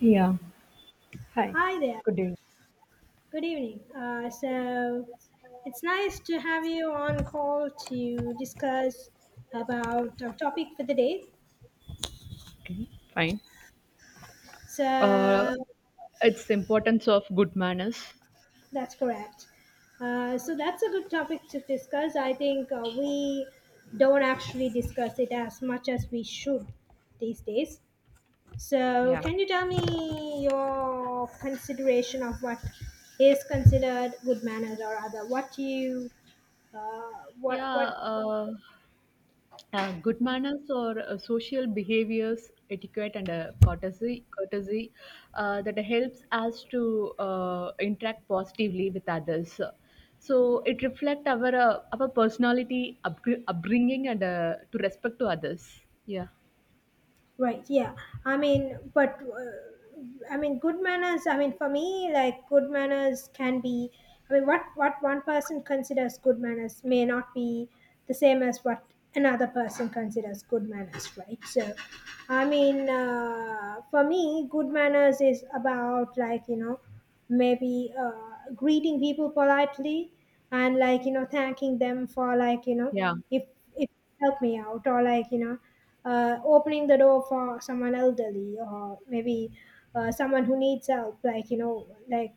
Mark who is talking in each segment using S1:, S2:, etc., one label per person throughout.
S1: Yeah. Hi.
S2: Hi there.
S1: Good day.
S2: Good evening. So it's nice to have you on call to discuss about our topic for the day.
S1: Okay, fine.
S2: So
S1: Uh, it's importance of good manners.
S2: that's correct. So that's a good topic to discuss. I think we don't actually discuss it as much as we should these days. So
S1: Yeah.
S2: can you tell me your consideration of what is considered good manners or other? What you uh,
S1: Yeah,
S2: what?
S1: uh, good manners or social behaviors, etiquette, and courtesy, that helps us to interact positively with others. So it reflects our personality, upbringing, and to respect to others. Yeah,
S2: Right. Yeah. I mean, but I mean, good manners. I mean, for me, like good manners can be. I mean, what one person considers good manners may not be the same as what another person considers good manners, right? So, I mean, for me, good manners is about, like, you know, maybe greeting people politely and, like, you know, thanking them for, like, you know,
S1: yeah,
S2: if if help me out or, like, you know, opening the door for someone elderly or maybe someone who needs help, like, you know. Like,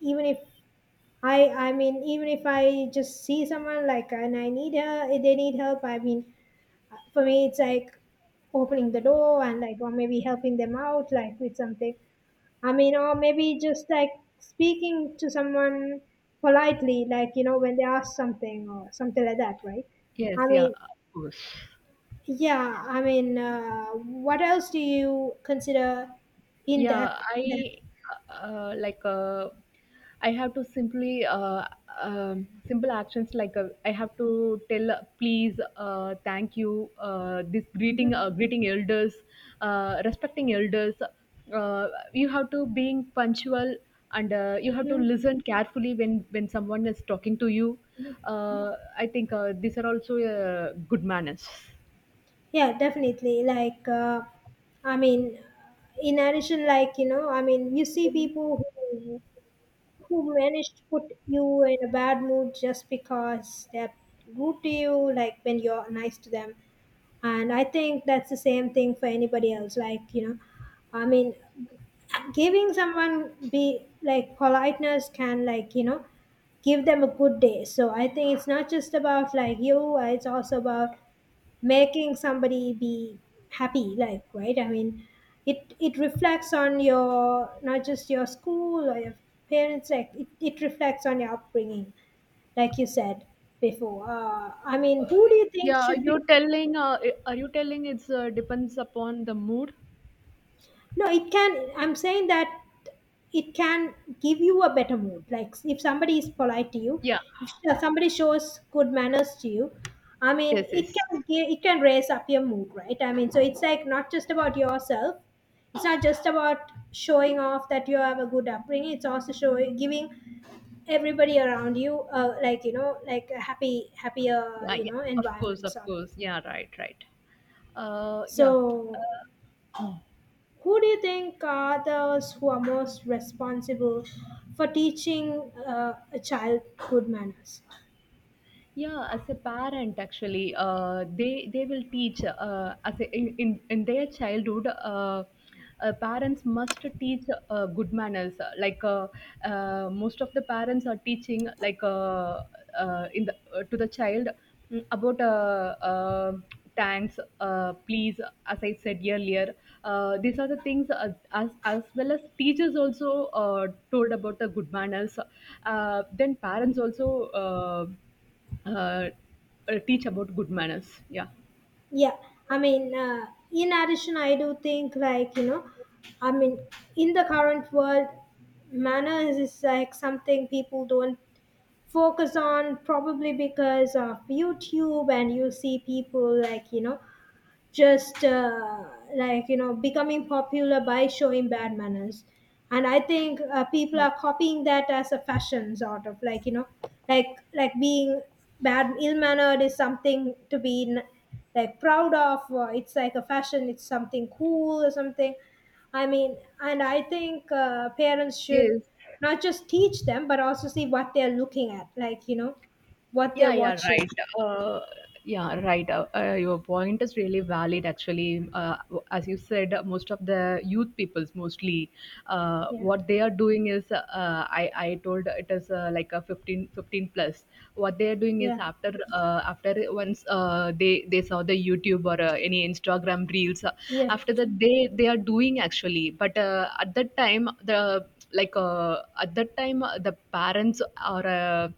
S2: even if I I mean, even if I just see someone like and I need her, they need help, I mean, for me it's like opening the door and like, or maybe helping them out like with something. I mean, or maybe just like speaking to someone politely, like, you know, when they ask something or something like that, right?
S1: yes,
S2: I
S1: yeah,
S2: mean,
S1: of course.
S2: yeah, I mean, what else do you consider in
S1: Yeah,
S2: that? In that,
S1: I uh, like uh, I have to simply simple actions like I have to tell, please, thank you,
S2: Mhm.
S1: greeting elders, respecting elders. Uh, you have to being punctual and you have to
S2: Mhm.
S1: listen carefully when someone is talking to you. I think these are also good manners.
S2: Yeah, definitely. Like, I mean, in addition, like, you know, I mean, you see people who manage to put you in a bad mood just because they're rude to you, like when you're nice to them, and I think that's the same thing for anybody else. Like, you know, I mean, giving someone be like politeness can, like, you know, give them a good day. So I think it's not just about, like, you, it's also about making somebody be happy, like, right? I mean, it reflects on your, not just your school or your parents, like, it reflects on your upbringing, like you said before. I mean, who do you think
S1: Yeah, are
S2: should be
S1: you telling. Uh, are you telling? It's, depends upon the mood.
S2: No, it can. I'm saying that it can give you a better mood. Like if somebody is polite to you,
S1: Yeah.
S2: if somebody shows good manners to you, I mean,
S1: Yes,
S2: it
S1: yes.
S2: can give, it can raise up your mood, right? I mean, so it's like not just about yourself. It's not just about showing off that you have a good upbringing. It's also showing giving everybody around you, like, you know, like a happy, happier,
S1: Yeah,
S2: you
S1: yeah.
S2: know,
S1: Of course,
S2: environment
S1: of
S2: sort of.
S1: course. Yeah, right, right. Yeah.
S2: So
S1: Mm.
S2: who do you think are those who are most responsible for teaching a child good manners?
S1: Yeah as a parent actually, they will teach, as a, in their childhood. Parents must teach good manners. Most of the parents are teaching, like in the to the child, about thanks, please, as I said earlier. These are the things, as well as teachers also told about the good manners. Then parents also uh, teach about good manners. Yeah.
S2: Yeah, I mean, in addition, I do think, like, you know, I mean, in the current world, manners is like something people don't focus on probably because of YouTube, and you see people, like, you know, just like, you know, becoming popular by showing bad manners. And I think people
S1: Yeah.
S2: are copying that as a fashion sort of, like, you know, like like being bad, ill mannered is something to be like proud of, or it's like a fashion, it's something cool or something. I mean, and I think parents should
S1: Yes.
S2: not just teach them but also see what they're looking at, like, you know, what they're
S1: Yeah, yeah,
S2: watching.
S1: right. Uh, yeah, right. Your point is really valid, actually. As you said, most of the youth peoples, mostly,
S2: Yeah,
S1: what they are doing is, I told it is like a fifteen plus. What they are doing is
S2: yeah,
S1: after once they saw the YouTube or any Instagram reels.
S2: yeah,
S1: After that they are doing actually. But at that time, the like At that time, the parents are.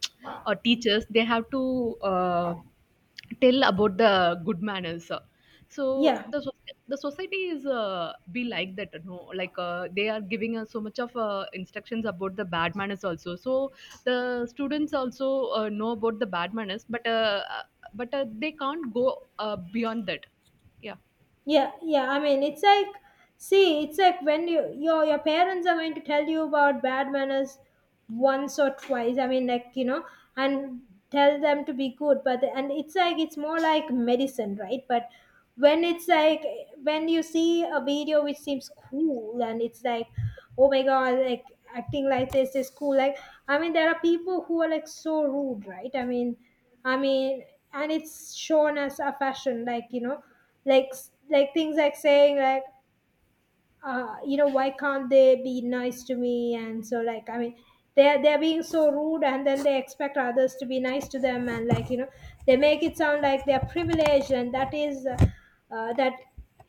S1: Or teachers, they have to uh, tell about the good manners. So
S2: yeah.
S1: the soc- the society is, be like that, no, like, they are giving us so much of instructions about the bad manners also. So the students also know about the bad manners, but they can't go beyond that. Yeah.
S2: Yeah, yeah. I mean, it's like, see, it's like when you your parents are going to tell you about bad manners once or twice. I mean, like, you know, and tell them to be good. But and it's like it's more like medicine, right? But when it's like when you see a video which seems cool and it's like, oh my god, like acting like this is cool. Like, I mean, there are people who are like so rude, right? I mean, and it's shown as a fashion, like, you know, like like things like saying like you know, why can't they be nice to me and so, like, I mean, they're being so rude and then they expect others to be nice to them and, like, you know, they make it sound like they're privileged. And that is that,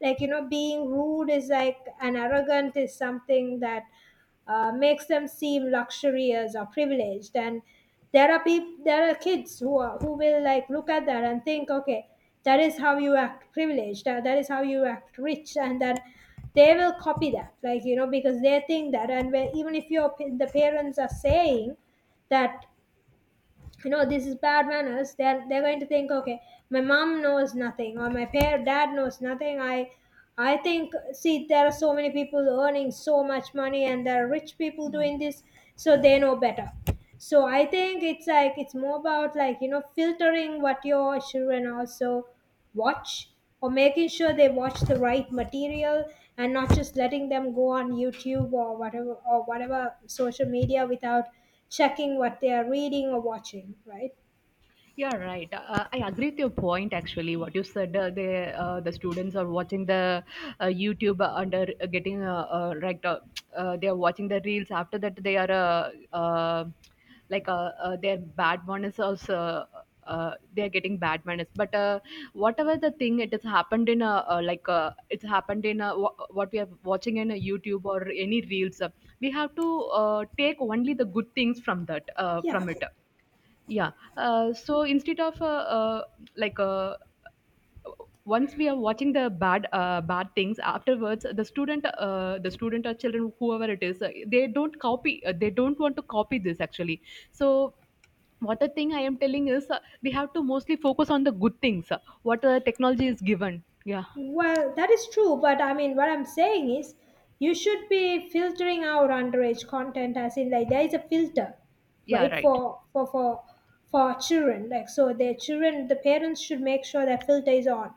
S2: like, you know, being rude is like an arrogant, is something that makes them seem luxurious or privileged. And there are people, there are kids who are who will like look at that and think, okay, that is how you act privileged, that is how you act rich, and then they will copy that, like, you know, because they think that. And where, even if your the parents are saying that, you know, this is bad manners, they're going to think, okay, my mom knows nothing or my parent dad knows nothing. I I think, see, there are so many people earning so much money and there are rich people doing this, so they know better. So I think it's like it's more about, like, you know, filtering what your children also watch, or making sure they watch the right material, and not just letting them go on YouTube or whatever, or whatever social media without checking what they are reading or watching, right?
S1: Yeah, right. I agree with your point. Actually, what you said, the students are watching the YouTube, under getting right. They are watching the reels. After that, they are, their bad manners also. They are getting bad manners. But Whatever the thing, it has happened in a, it's happened in a, what we are watching in a YouTube or any reels. We have to take only the good things from that,
S2: Yeah.
S1: from it. Yeah. So instead of like Once we are watching the bad things, afterwards the student or children whoever it is, they don't copy. They don't want to copy this actually. So what the thing I am telling is, we have to mostly focus on the good things. What technology is given. Yeah.
S2: Well, that is true, but I mean, what I'm saying is you should be filtering out underage content, as in like there is a filter,
S1: Yeah.
S2: right?
S1: Right.
S2: For for children. Like so their children, the parents should make sure that filter is on.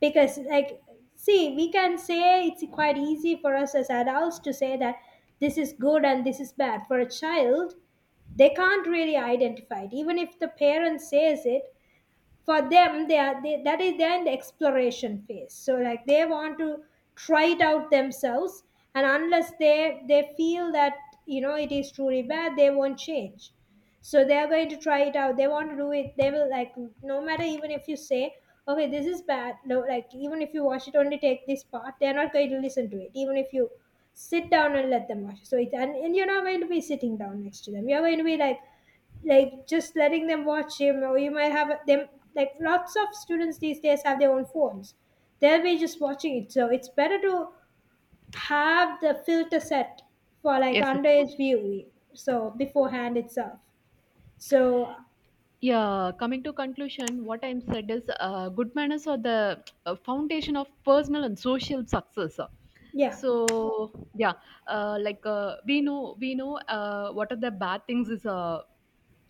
S2: Because like, see, we can say it's quite easy for us as adults to say that this is good and this is bad. For a child, they can't really identify it. Even if the parent says it, for them they are they, that is they're in the exploration phase, so like they want to try it out themselves. And unless they feel that, you know, it is truly bad, they won't change. So they're going to try it out, they want to do it, they will like, no matter, even if you say okay this is bad, no, like even if you watch it only take this part, they're not going to listen to it even if you sit down and let them watch it. So it, and you're not going to be sitting down next to them, you're going to be like just letting them watch him, or you might have them like lots of students these days have their own phones, they'll be just watching it. So it's better to have the filter set for like
S1: Yes. Of
S2: underage
S1: course.
S2: viewing, so beforehand itself. So
S1: Yeah, coming to conclusion, what I'm said is, good manners are the foundation of personal and social success.
S2: yeah.
S1: So yeah, we know what are the bad things is uh,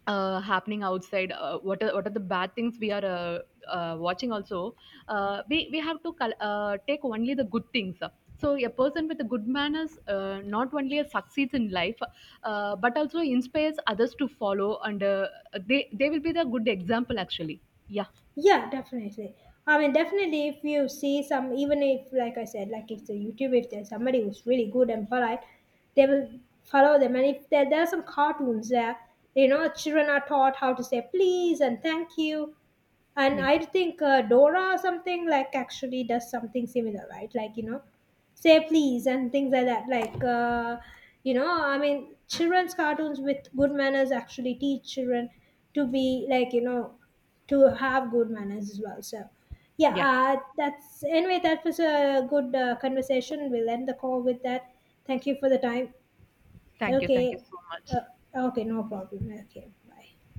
S1: uh, happening outside, what are the bad things we are watching also. We have to take only the good things. So a person with a good manners, not only succeeds in life, but also inspires others to follow, and they will be the good example actually. Yeah.
S2: Yeah, definitely. I mean, definitely, if you see some, even if, like I said, like if the YouTube, if there's somebody who's really good and polite, they will follow them. And if there, there are some cartoons there, you know, children are taught how to say please and thank you. And
S1: Yeah.
S2: I think Dora or something like actually does something similar, right, like, you know, say please and things like that. Like, you know, I mean, children's cartoons with good manners actually teach children to be, like, you know, to have good manners as well. So yeah,
S1: Yeah,
S2: that's anyway, that was a good conversation. We'll end the call with that. Thank you for the time.
S1: thank you,
S2: Okay.
S1: thank you so much.
S2: uh, okay, no problem, okay, bye.